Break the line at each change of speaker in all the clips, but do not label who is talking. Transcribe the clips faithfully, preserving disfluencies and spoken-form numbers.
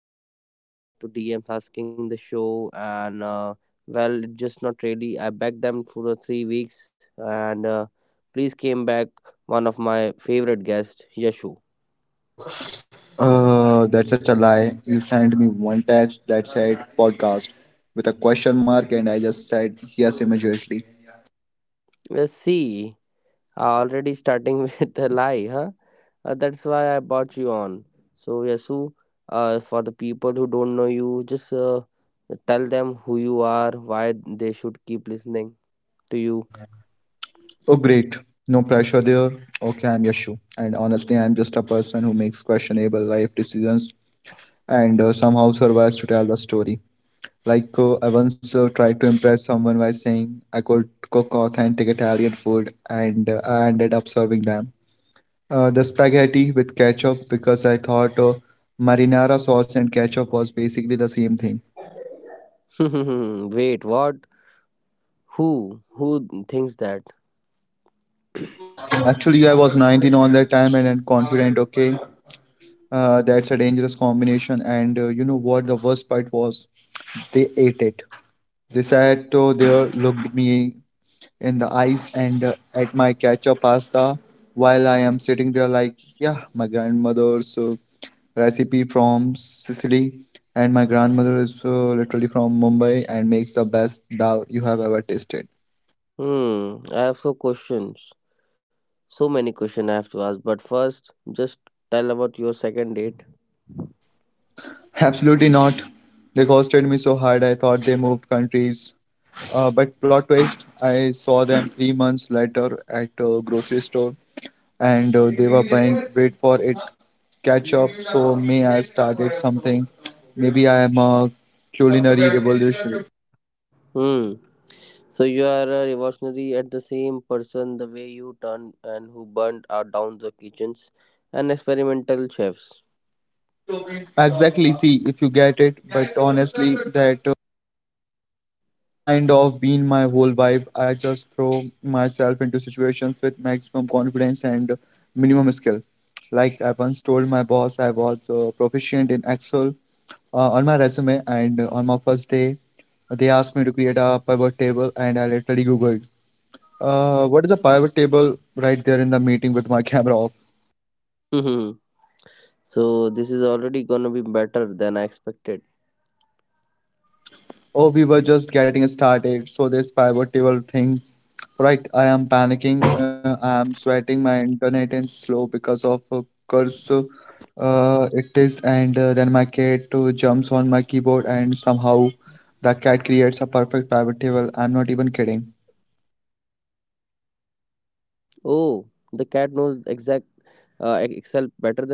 special blowing up to D Ms asking the show and uh, well it's just not really. I begged them for the three weeks and uh, please came back one of my favorite guests Yashu.
Uh, that's such a lie. You sent me one text that said podcast with a question mark, and I just said yes immediately.
Let's see. Already starting with a lie, huh? Uh, that's why I bought you on. So, Yasu, uh, for the people who don't know you, just uh, tell them who you are, why they should keep listening to you.
Oh, great. No pressure there. Okay, I'm Yashu. And honestly, I'm just a person who makes questionable life decisions and uh, somehow survives to tell the story. Like, uh, I once uh, tried to impress someone by saying I could cook authentic Italian food, and uh, I ended up serving them. Uh, the spaghetti with ketchup because I thought uh, marinara sauce and ketchup was basically the same thing.
Wait, what? Who? Who thinks that?
Actually, I was nineteen on that time and, and confident, okay, uh, that's a dangerous combination. And uh, you know what? The worst part was they ate it. They sat uh, there, looked me in the eyes and uh, at my ketchup pasta while I am sitting there like, yeah, my grandmother's uh, recipe from Sicily, and my grandmother is uh, literally from Mumbai and makes the best dal you have ever tasted.
Hmm, I have so questions. So many questions I have to ask. But first, just tell about your second date.
Absolutely not. They costed me so hard I thought they moved countries. Uh, but plot twist, I saw them three months later at a grocery store and uh, they were buying, wait for it, ketchup. So may I started something. Maybe I am a culinary revolutionary.
Hmm. So you are a revolutionary at the same person the way you turned and who burned out down the kitchens and experimental chefs.
Exactly, see if you get it, but honestly, that kind of been my whole vibe. I just throw myself into situations with maximum confidence and minimum skill. Like I once told my boss I was uh, proficient in Excel uh, on my resume, and uh, on my first day, they asked me to create a pivot table, and I literally Googled, uh, "What is a pivot table?" right there in the meeting with my camera off.
Hmm. So this is already gonna be better than I expected.
Oh, we were just getting started, so this pivot table thing. Right, I am panicking. Uh, I am sweating. My internet is slow because of a curse. Uh, it is, and uh, then my cat uh, jumps on my keyboard, and somehow the cat creates a perfect pivot table. I'm not even kidding.
Oh, the cat knows exact uh, ex- Excel better than you.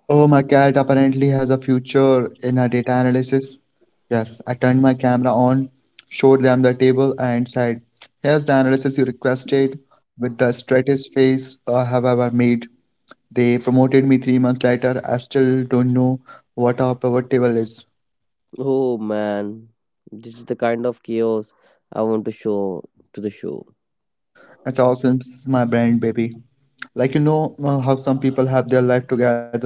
Oh, my cat apparently has a future in a data analysis. Yes, I turned my camera on, showed them the table, and said, "Here's the analysis you requested with the straightest face I have ever made." They promoted me three months later. I still don't know what our pivot table is.
Oh man, this is the kind of chaos I want to show to the show.
That's awesome, my brand, baby. Like you know uh, how some people have their life together.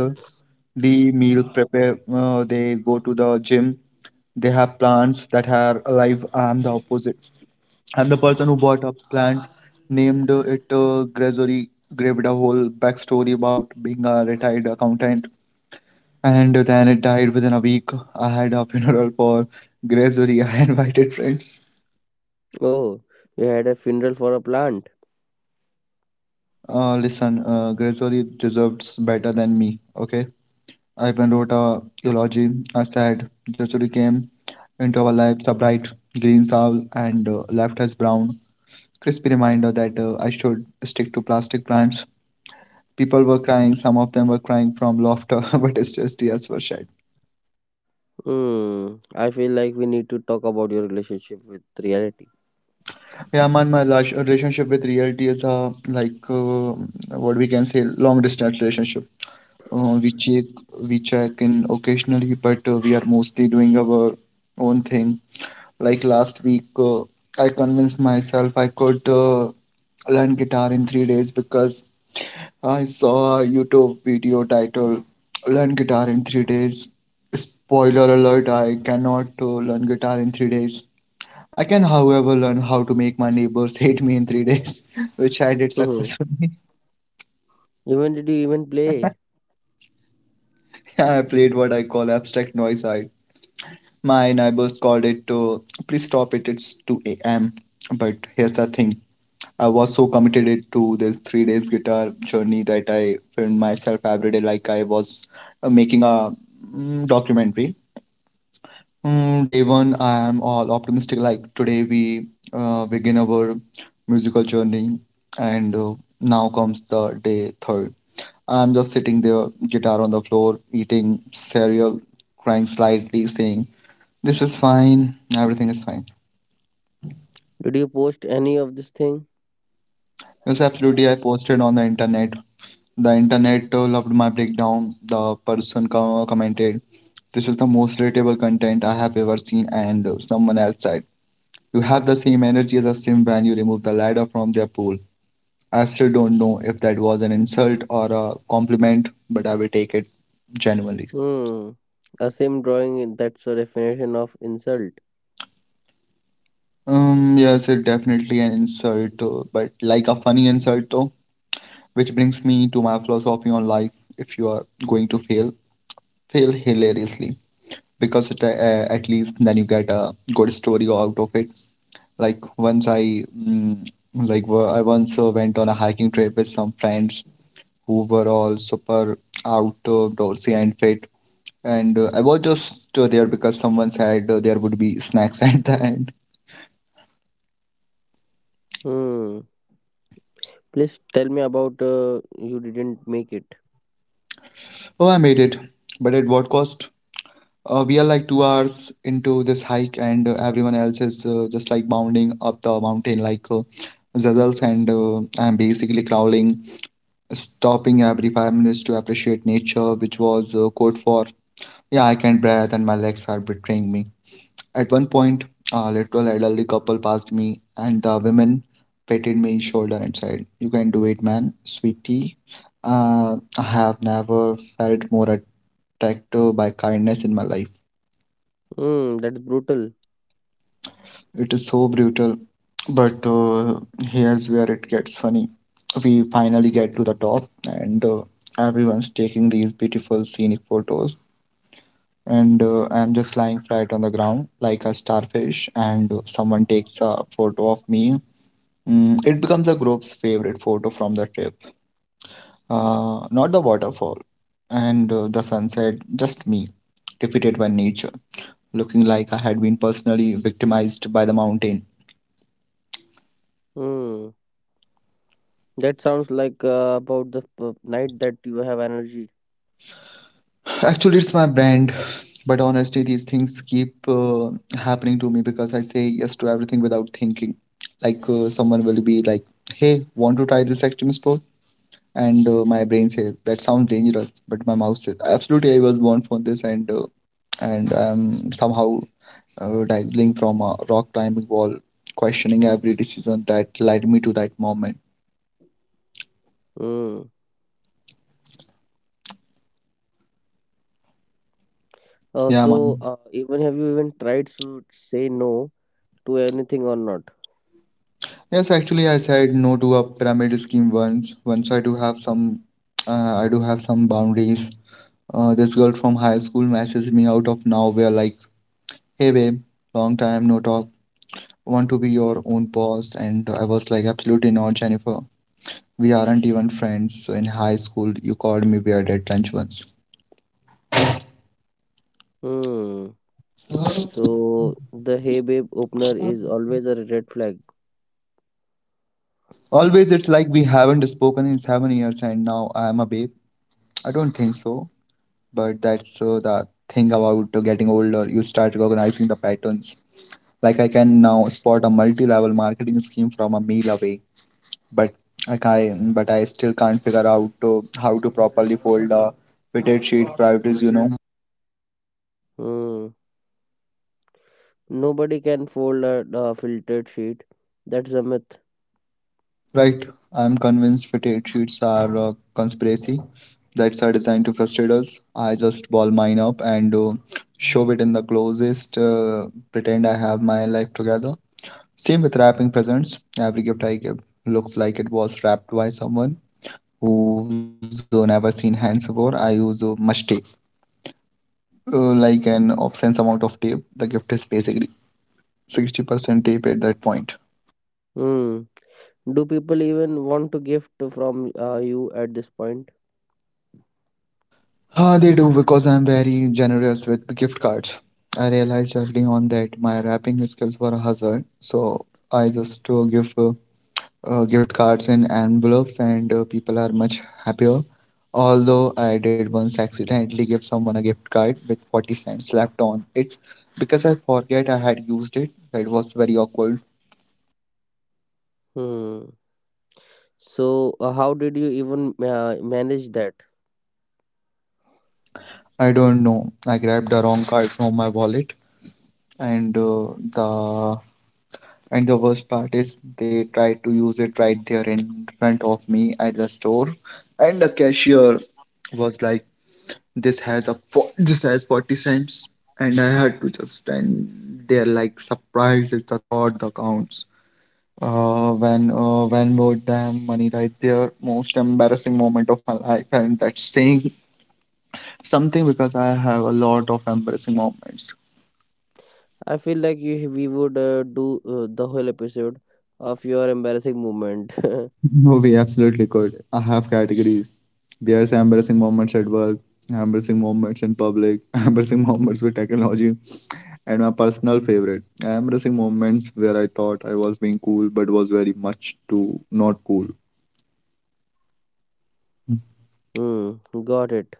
They meal prepare. Uh, they go to the gym. They have plants that are alive. I'm the opposite. I'm the person who bought a plant, named it uh, Gregory, gave it a whole backstory about being a retired accountant. And then it died within a week. I had a funeral for Gregory. I invited friends.
Oh, you had a funeral for a plant.
Uh, listen, uh, Gregory deserves better than me, okay? I even wrote a eulogy. I said, Gregory came into our lives a bright green soul and uh, left us brown. Crispy reminder that uh, I should stick to plastic plants. People were crying, some of them were crying from laughter, but it's just tears were shed.
Hmm. I feel like we need to talk about your relationship with reality.
Yeah, man, my rela- relationship with reality is uh, like uh, what we can say long distance relationship. Uh, we check we check in occasionally, but uh, we are mostly doing our own thing. Like last week, uh, I convinced myself I could uh, learn guitar in three days because I saw a YouTube video titled "Learn Guitar in Three Days." Spoiler alert: I cannot uh, learn guitar in three days. I can, however, learn how to make my neighbors hate me in three days, which I did successfully.
Even did you even play?
I played what I call abstract noise art. My neighbors called it to please stop it, it's two a m. But here's the thing, I was so committed to this three days guitar journey that I filmed myself every day like I was uh, making a mm, documentary. Mm, day one, I am all optimistic. Like today, we uh, begin our musical journey, and uh, now comes the day third. I'm just sitting there, guitar on the floor, eating cereal, crying slightly, saying, this is fine, everything is fine.
Did you post any of this thing?
Yes, absolutely. I posted on the internet. The internet uh, loved my breakdown. The person com- commented, this is the most relatable content I have ever seen, and uh, someone else said, you have the same energy as a sim when you remove the ladder from their pool. I still don't know if that was an insult or a compliment, but I will take it genuinely.
Hmm. A same drawing that's a definition of insult.
Um, yes, it's definitely an insult, uh, but like a funny insult though, which brings me to my philosophy on life. If you are going to fail, fail hilariously because it, uh, at least then you get a good story out of it. Like once I, mm, like wo- I once uh, went on a hiking trip with some friends who were all super out, uh, outdoorsy and fit. And uh, I was just uh, there because someone said uh, there would be snacks at the end.
Hmm. Please tell me about uh, you didn't make it.
Oh, I made it. But at what cost? Uh, we are like two hours into this hike, and uh, everyone else is uh, just like bounding up the mountain like uh, zazels, and uh, I'm basically crawling, stopping every five minutes to appreciate nature, which was uh, code for yeah, I can't breathe and my legs are betraying me. At one point, a literal elderly couple passed me, and the woman patted me shoulder and said, "You can do it, man, sweetie." Uh, I have never felt more attracted by kindness in my life.
Hmm. That's brutal.
It is so brutal, but uh, here's where it gets funny. We finally get to the top, and uh, everyone's taking these beautiful scenic photos. And uh, I'm just lying flat on the ground like a starfish, and uh, someone takes a photo of me. Mm, it becomes the group's favorite photo from the trip. Uh, not the waterfall and uh, the sunset, just me, defeated by nature, looking like I had been personally victimized by the mountain.
Hmm. That sounds like uh, about the p- night that you have energy.
Actually, it's my brand, but honestly, these things keep uh, happening to me because I say yes to everything without thinking. Like uh, someone will be like, "Hey, want to try this extreme sport?" And uh, my brain says, "That sounds dangerous," but my mouth says, "Absolutely, I was born for this," and uh, and I'm somehow uh, dangling from a rock climbing wall, questioning every decision that led me to that moment.
Hmm. Uh,
Yeah,
so
man.
uh, even have you even tried to say no to anything or not?
Yes, actually, I said no to a pyramid scheme once. Once I do have some, uh, I do have some boundaries. Uh, this girl from high school messaged me out of nowhere, like, "Hey babe, long time no talk. Want to be your own boss?" And I was like, "Absolutely not, Jennifer. We aren't even friends. So in high school, you called me weird at lunch once."
Hmm. So the hey babe opener is always a red flag.
Always, it's like we haven't spoken in seven years and now I am a babe. I don't think so, but that's uh, the thing about uh, getting older. You start recognizing the patterns. Like I can now spot a multi-level marketing scheme from a mile away, but I can, but I still can't figure out uh, how to properly fold a fitted sheet priorities, you know.
Hmm. Nobody can fold a uh, filtered sheet. That's a myth.
Right, I'm convinced fetish sheets are a conspiracy that are designed to frustrate us. I just ball mine up and uh, shove it in the closest, uh, pretend I have my life together. Same with wrapping presents. Every gift I give looks like it was wrapped by someone who's uh, never seen hands before. I use uh, much tape, uh, like an obscene amount of tape. The gift is basically sixty percent tape at that point.
Hmm. Do people even want to gift from uh, you at this point?
Ah, they do because I'm very generous with the gift cards. I realized early on that my wrapping skills were a hazard, so I just uh, give uh, uh, gift cards in envelopes, and uh, people are much happier. Although I did once accidentally give someone a gift card with forty cents slapped on it because I forget I had used it. That was very awkward.
Hmm. So, uh, how did you even uh, manage that?
I don't know. I grabbed the wrong card from my wallet, and uh, the and the worst part is they tried to use it right there in front of me at the store. And the cashier was like, this has a fo- this has forty cents. And I had to just stand there like surprised is the thought that counts. Uh, when uh, when bought them money right there, most embarrassing moment of my life, and that's saying something because I have a lot of embarrassing moments.
I feel like you, we would uh, do uh, the whole episode of your embarrassing moment.
No, we absolutely could. I have categories. There's embarrassing moments at work, embarrassing moments in public, embarrassing moments with technology, and my personal favorite, embarrassing moments where I thought I was being cool but was very much too not cool.
Hmm, got it.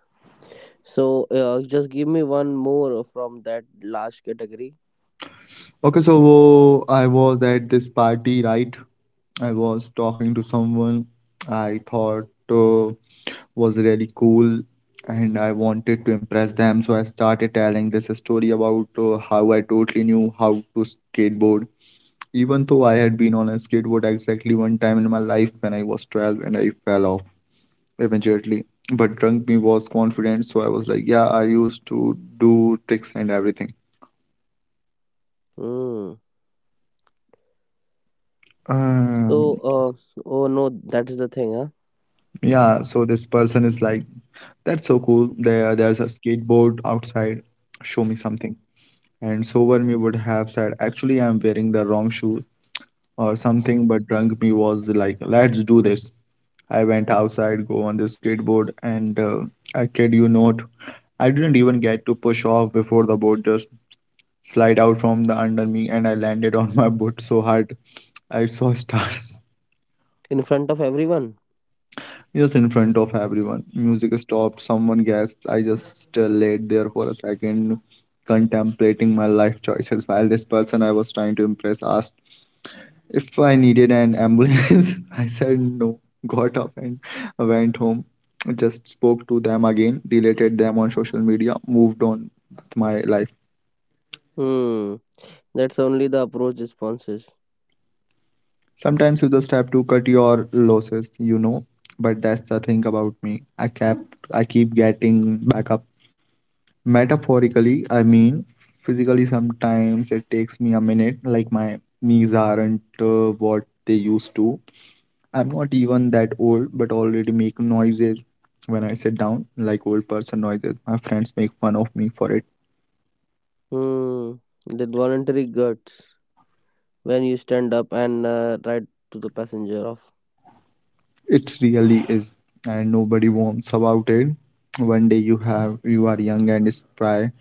So, uh, just give me one more from that last category.
Okay, so wo- I was at this party, right? I was talking to someone. I thought uh, was really cool and I wanted to impress them. So I started telling this story about uh, how I totally knew how to skateboard, even though I had been on a skateboard exactly one time in my life when I was twelve and I fell off eventually. But drunk me was confident, so I was like, "Yeah, I used to do tricks and everything."
Hmm. So,
Um,
uh, oh no, that's the thing, huh?
yeah, so this person is like, "That's so cool. There, there's a skateboard outside. Show me something." And sober me would have said, "Actually, I'm wearing the wrong shoe or something," but drunk me was like, "Let's do this." I went outside, go on the skateboard, and uh, I kid you not, I didn't even get to push off before the board just slide out from the under me, and I landed on my boot so hard I saw stars.
In front of everyone.
Just in front of everyone. Music stopped, someone gasped. I just uh, laid there for a second, contemplating my life choices while this person I was trying to impress asked if I needed an ambulance. I said no, got up and went home. Just spoke to them again, deleted them on social media, moved on with my life.
Hmm. That's only the approach responses.
Sometimes you just have to cut your losses, you know. But that's the thing about me. I kept, I keep getting back up. Metaphorically, I mean, physically, sometimes it takes me a minute. Like my knees aren't uh, what they used to. I'm not even that old, but already make noises when I sit down, like old person noises. My friends make fun of me for it.
Hmm. That voluntary guts when you stand up and uh, ride to the passenger off.
It really is, and nobody warns about it. One day you have you are young and spry,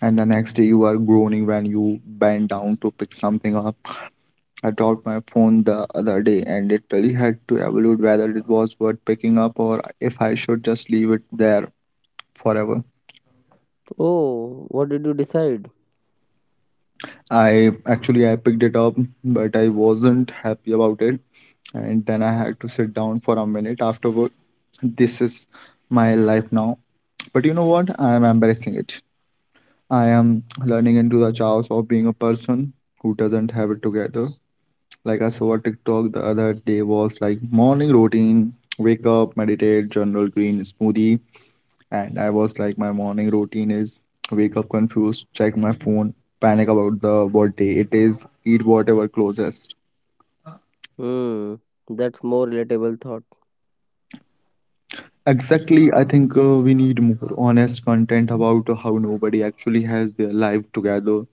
and the next day you are groaning when you bend down to pick something up. I dropped my phone the other day and literally had to evaluate whether it was worth picking up or if I should just leave it there forever.
Oh, what did you decide?
I actually I picked it up, but I wasn't happy about it. And then I had to sit down for a minute afterward. This is my life now. But you know what? I am embracing it. I am learning into the chaos of being a person who doesn't have it together. Like I saw a TikTok the other day was like, morning routine, wake up, meditate, general green smoothie. And I was like, my morning routine is wake up confused, check my phone, panic about the what day it is, eat whatever closest.
Hmm. That's more relatable thought.
Exactly, I think uh, we need more honest content about how nobody actually has their life together.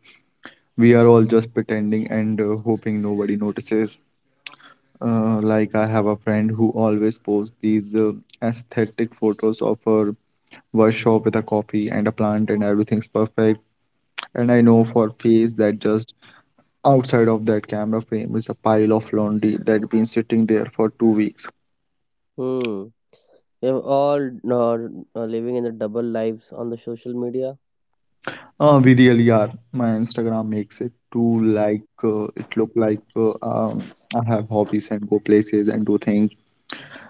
We are all just pretending and uh, hoping nobody notices. Uh, like I have a friend who always posts these uh, aesthetic photos of her workshop with a coffee and a plant and everything's perfect. And I know for a face that just outside of that camera frame is a pile of laundry that's been sitting there for two weeks.
Hmm. We have all uh, uh, living in the double lives on the social media.
Uh, we really are. My Instagram makes it too like uh, it look like uh, um, I have hobbies and go places and do things.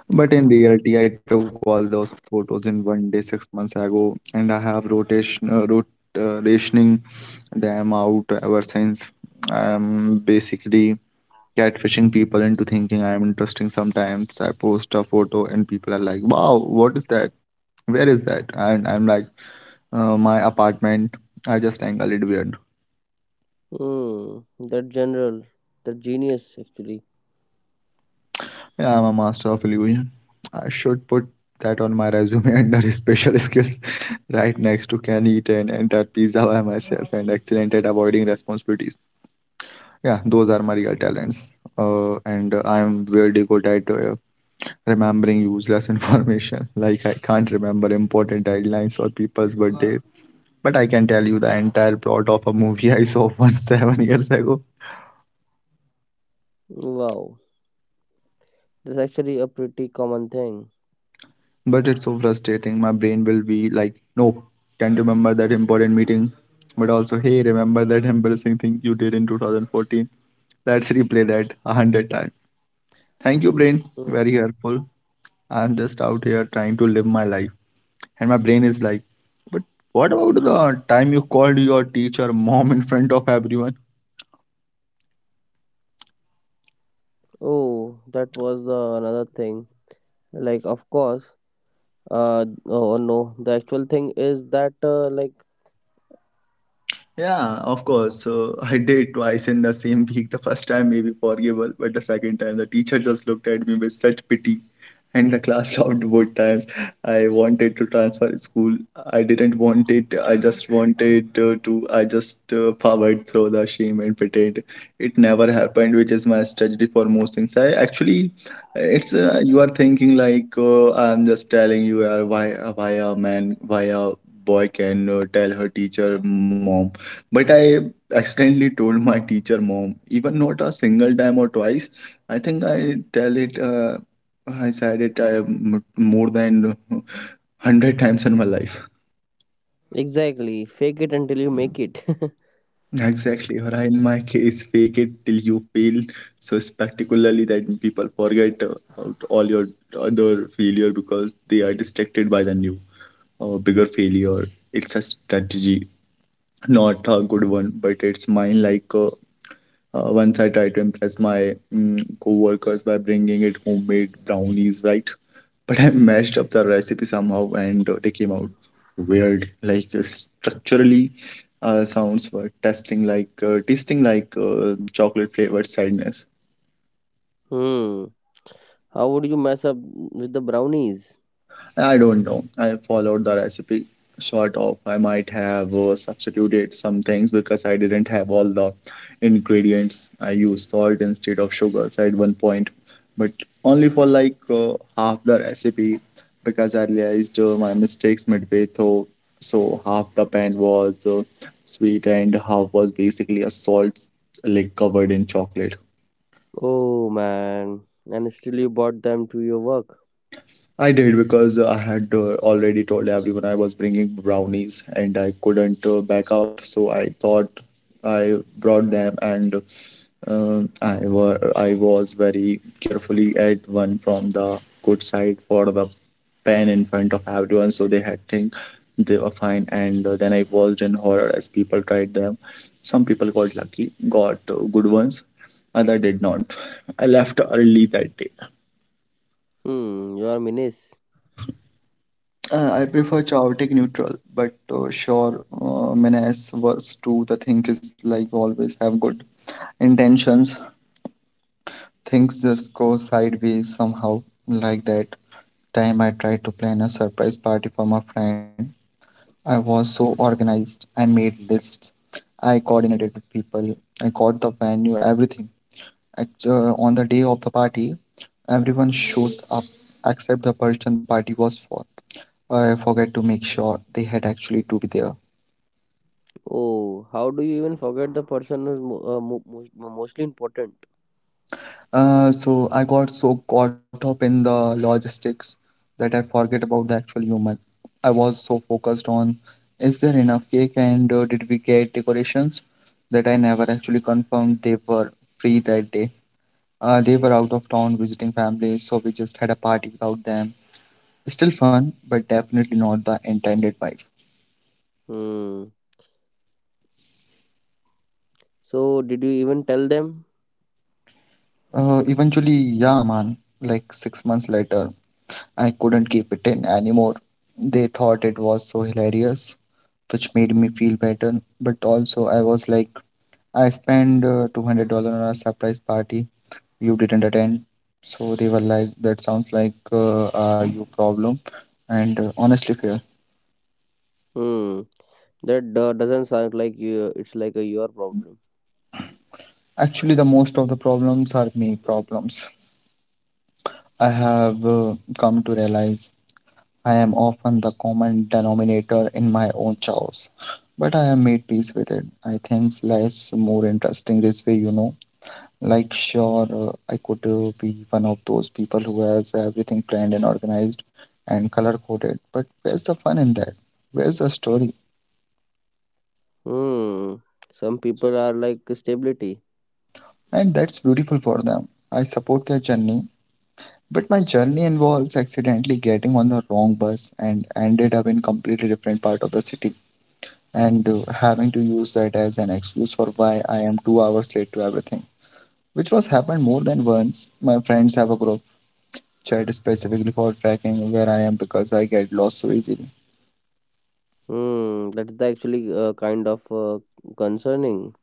But in reality, I took all those photos in one day six months ago, and I have rotation uh, rot uh, rationing them out ever since. I'm basically catfishing people into thinking I am interesting. Sometimes I post a photo and people are like, "Wow, what is that? Where is that?" And I'm like, uh, "My apartment." I just angle it weird.
Hmm. That general, that genius actually.
Yeah, I'm a master of illusion. I should put that on my resume under special skills, right next to can eat an entire pizza by myself and excellent at avoiding responsibilities. Yeah, those are my real talents. Uh, and uh, I'm really good at uh, remembering useless information. Like I can't remember important deadlines or people's birthdays, but I can tell you the entire plot of a movie I saw once seven years ago.
Wow. That's actually a pretty common thing.
But it's so frustrating. My brain will be like, nope, can't remember that important meeting. But also, hey, remember that embarrassing thing you did in two thousand fourteen? Let's replay that a hundred times. Thank you, brain.
Mm.
Very helpful. I'm just out here trying to live my life. And my brain is like, but what about the time you called your teacher mom in front of everyone?
Oh, that was the another thing. Like, of course, uh, oh oh, no, the actual thing is that, uh, like,
Yeah, of course. So I did twice in the same week. The first time maybe forgivable, but the second time the teacher just looked at me with such pity, and the class stopped both times. I wanted to transfer school. I didn't want it. I just wanted uh, to. I just uh, powered through the shame and pretend it never happened, which is my strategy for most things. I actually, it's uh, you are thinking like uh, I'm just telling you uh, why why a man why a boy can uh, tell her teacher m- mom, but I accidentally told my teacher mom, even not a single time or twice. I think I tell it, uh, I said it uh, m- more than a hundred times in my life.
exactly, fake it until you make it.
Exactly. Or I, in my case, fake it till you fail so spectacularly that people forget uh, about all your other failure because they are distracted by the new or bigger failure. It's a strategy, not a good one, but it's mine like. A Uh, once I tried to impress my mm, co-workers by bringing it homemade brownies, right? But I mashed up the recipe somehow, and uh, they came out weird. Like uh, structurally, uh, sounds were testing like uh, tasting like uh, chocolate flavored sadness.
Hmm, how would you mess up with the brownies?
I don't know. I followed the recipe sort of. I might have uh, substituted some things because I didn't have all the ingredients. I used salt instead of sugars at one point, but only for like uh, half the recipe because I realized uh, my mistakes midway through. So half the pan was uh, sweet and half was basically a salt lick covered in chocolate.
Oh man, and still you brought them to your work.
I did because uh, I had uh, already told everyone I was bringing brownies and I couldn't uh, back out, so I thought I brought them and uh, I were I was very carefully at one from the good side for the pen in front of everyone, so they had think they were fine. And uh, then I watched in horror as people tried them. Some people got lucky, got uh, good ones, other did not. I left early that day.
Hmm, you are menace.
Uh, I prefer chaotic neutral, but uh, sure, uh, Menace verse two, the thing is like always have good intentions. Things just go sideways somehow. Like that time I tried to plan a surprise party for my friend. I was so organized. I made lists. I coordinated with people. I got the venue, everything. Act- uh, on the day of the party, everyone shows up except the person the party was for. I forgot to make sure they had actually to be there.
Oh, how do you even forget the person who's mo- uh, mo- mo- mo- mostly important?
Uh, so I got so caught up in the logistics that I forget about the actual human. I was so focused on is there enough cake and uh, did we get decorations that I never actually confirmed they were free that day. Uh, they were out of town visiting families, so we just had a party without them. Still fun, but definitely not the intended vibe.
Hmm, so did you even tell them?
Uh, eventually, yeah, man, like six months later, I couldn't keep it in anymore. They thought it was so hilarious which made me feel better. But also, I was like, I spent uh, two hundred dollars on a surprise party you didn't attend. So they were like, that sounds like uh, are you problem? And uh, honestly, fair.
Hmm, that uh, doesn't sound like you, it's like a your problem.
Actually, the most of the problems are me problems. I have uh, come to realize I am often the common denominator in my own chores. But I have made peace with it. I think life's more interesting this way, you know. Like, sure, uh, I could uh, be one of those people who has everything planned and organized and color coded, but where's the fun in that? Where's the story?
Hmm, some people are like stability.
And that's beautiful for them. I support their journey, but my journey involves accidentally getting on the wrong bus and ended up in completely different part of the city and uh, having to use that as an excuse for why I am two hours late to everything, which was happened more than once. My friends have a group chat specifically for tracking where I am because I get lost so easily.
Hmm, that's the actually uh, kind of uh, concerning.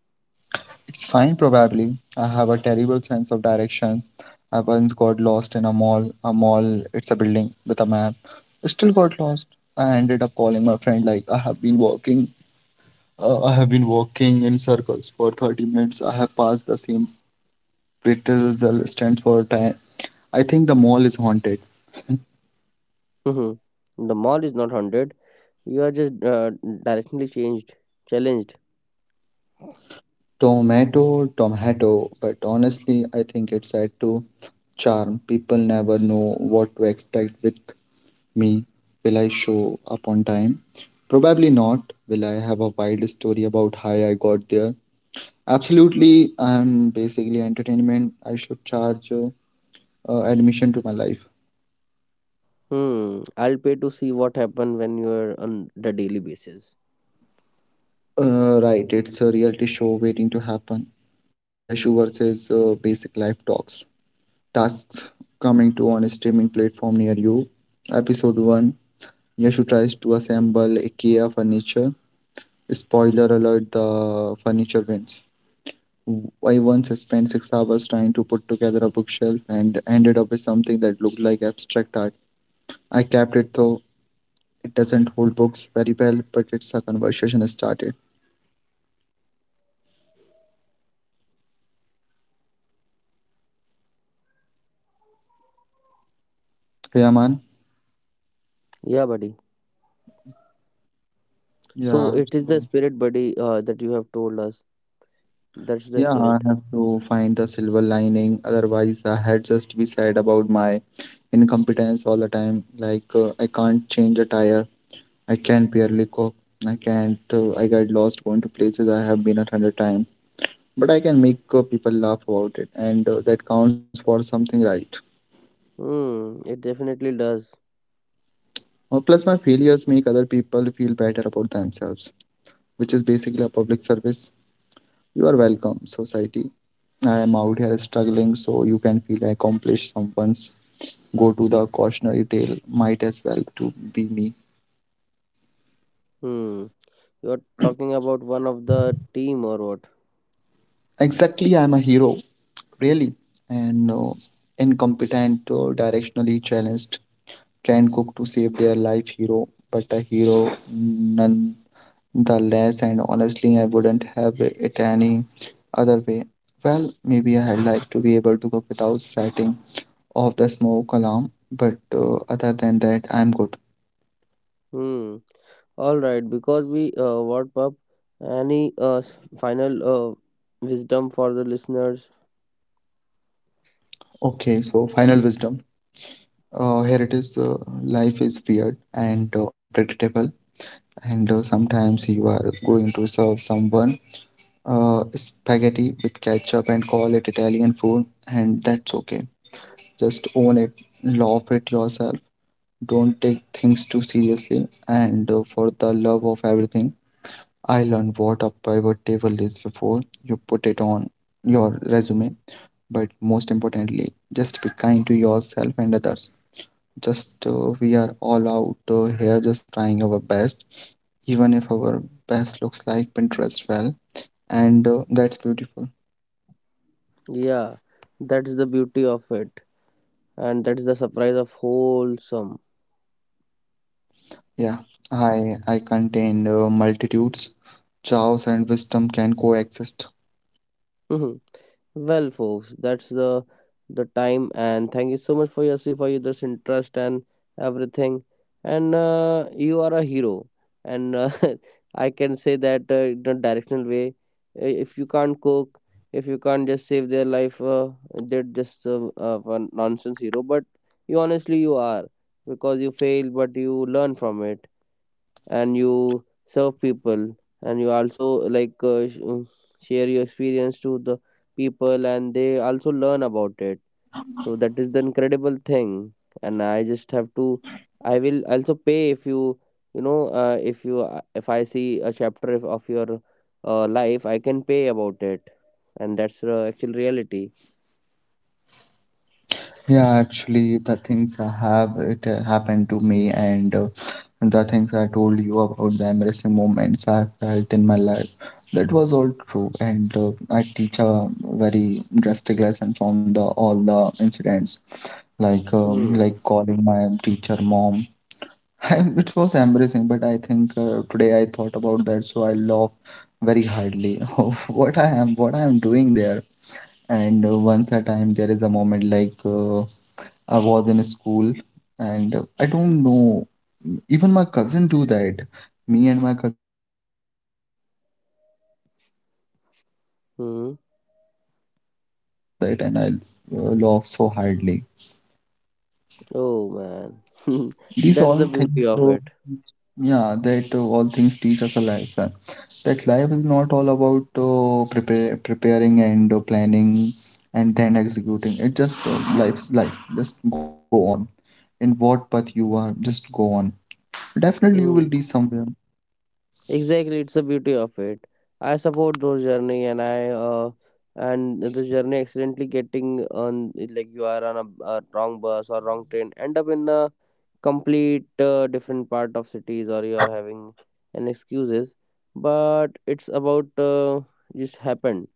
It's fine, probably. I have a terrible sense of direction. I once got lost in a mall. A mall, it's a building with a map. I still got lost. I ended up calling my friend like I have been walking. Uh, I have been walking in circles for thirty minutes. I have passed the same pretzel stand for time. I think the mall is haunted.
Mhm. The mall is not haunted. You are just uh, directionally changed, challenged.
Tomato, tomato. But honestly, I think it's said to charm. People never know what to expect with me. Will I show up on time? Probably not. Will I have a wild story about how I got there? Absolutely. I'm basically entertainment. I should charge uh, uh, admission to my life.
Hmm. I'll pay to see what happen when you are on the daily basis.
Uh, right, it's a reality show waiting to happen. Yashu versus uh, Basic Life Talks. Tasks coming to on a streaming platform near you. Episode one, Yashu tries to assemble IKEA furniture. Spoiler alert, the furniture wins. w- I once spent six hours trying to put together a bookshelf and ended up with something that looked like abstract art. I kept it though. It doesn't hold books very well, but it's a conversation started. Yeah, man.
Yeah, buddy. So
Yeah.
it is
so-
the spirit, buddy, uh, that you have told us. That's the
Yeah, I
spirit.
have to find the silver lining. Otherwise, I had just be sad about my incompetence all the time. Like, uh, I can't change a tire. I can barely cook. I can't. Uh, I get lost going to places I have been a hundred times, but I can make uh, people laugh about it, and uh, that counts for something, right?
Hmm. It definitely does.
Uh, plus, my failures make other people feel better about themselves, which is basically a public service. You are welcome, society. I am out here struggling, so you can feel I accomplished. Someone's go to the cautionary tale might as well to be me.
Hmm. You're talking about one of the team or what?
Exactly, I am a hero, really, and uh, incompetent, uh, directionally challenged, can cook to save their life hero, but a hero none the less, and honestly, I wouldn't have it any other way. Well, maybe I'd like to be able to cook without setting off the smoke alarm, but uh, other than that, I'm good.
Hmm. All right, because we uh, wrapped up any uh, s- final uh, wisdom for the listeners.
Okay, so final wisdom. Uh, here it is. Uh, life is weird and uh, unpredictable, and uh, sometimes you are going to serve someone uh, spaghetti with ketchup and call it Italian food, and that's okay. Just own it, laugh at yourself. Don't take things too seriously, and uh, for the love of everything, I learned what a pivot table is before you put it on your resume. But most importantly, just be kind to yourself and others. Just uh, We are all out uh, here just trying our best, even if our best looks like Pinterest well, and uh, that's beautiful.
Yeah, that's the beauty of it, and that's the surprise of wholesome.
Yeah, I I contain uh, multitudes. Chaos and wisdom can coexist.
Mhm. Well, folks, that's the the time, and thank you so much for your for your this interest and everything. And uh, you are a hero, and uh, I can say that uh, in a directional way. i- If you can't cook, if you can't just save their life, uh, they're just uh, uh, a nonsense hero. But you honestly you are because you fail, but you learn from it and you serve people and you also like uh, sh- um, share your experience to the people and they also learn about it, so that is the incredible thing. And I just have to, I will also pay if you, you know, uh, if you, uh, if I see a chapter of of your uh, life, I can pay about it, and that's the actual reality.
Yeah, actually, the things I have it uh, happened to me, and uh, the things I told you about the embarrassing moments I felt in my life, that was all true. And uh, I teach a very drastic lesson from the all the incidents, like um,
Hmm.
like calling my teacher mom. It was embarrassing, but I think uh, today I thought about that, so I laugh very hardly of what I am what I am doing there. And uh, once a time, there is a moment like. Uh, I was in school, and uh, I don't know. Even my cousin do that. Me and my cousins are same as uh, same mentality. I do things very stupid
Hmm.
things, but uh, today I think about that and I uh, laugh so hardly.
Oh man.
These
That's
all
the
things,
beauty of
so
it.
yeah, that uh, all things teach us a lesson. That life is not all about uh, prepare, preparing and uh, planning and then executing. It just uh, life is life. Just go on in what path you are just go on. Definitely, you will
Hmm.
reach somewhere.
Exactly, it's the beauty of it. I support those journey, and I uh, and the journey accidentally getting on like you are on a, a wrong bus or wrong train, end up in a complete uh, different part of cities, or you are having an excuses. But it's about uh, just happened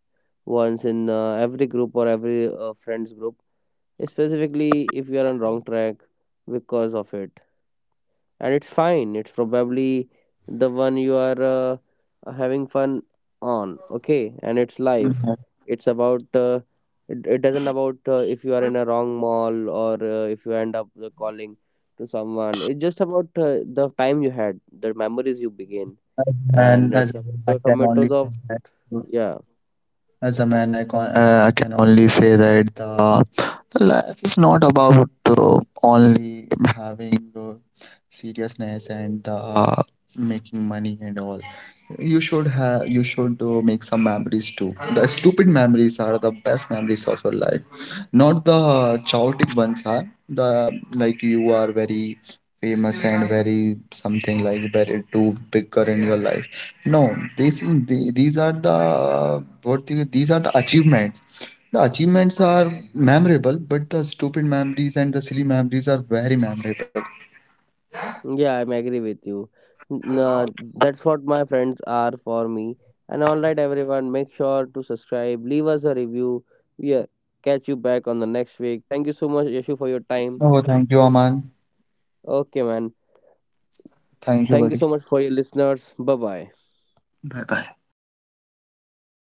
once in uh, every group or every uh, friends group, specifically if you are on wrong track because of it, and it's fine, it's probably the one you are uh, having fun on, okay, and it's life.
Mhm.
It's about uh, it, it doesn't about uh, if you are in a wrong mall or uh, if you end up uh, calling to someone. It's just about uh, the time you had, the memories you begin,
As a man,
and
as a
it's about
man, I
the
can only
tomatoes of, yeah.
as a man, I can uh, I can only say that the, the life is not about uh, only having uh, seriousness and uh, making money and all. You should have you should uh, make some memories too. The stupid memories are the best memories of your life, not the chaotic ones are the, like you are very famous and very something like very too bigger in your life. No, this is the- these are the, what do you, these are the achievements. The achievements are memorable, but the stupid memories and the silly memories are very memorable.
Yeah, I'm agree with you. N- uh, that's what my friends are for me. And all right, everyone, make sure to subscribe, leave us a review. Yeah, catch you back on the next week. Thank you so much, Yashu, for your time.
Oh, thank you, Aman.
Okay, man.
Thank you,
Thank you
buddy.
so much for your listeners. Bye bye.
Bye bye.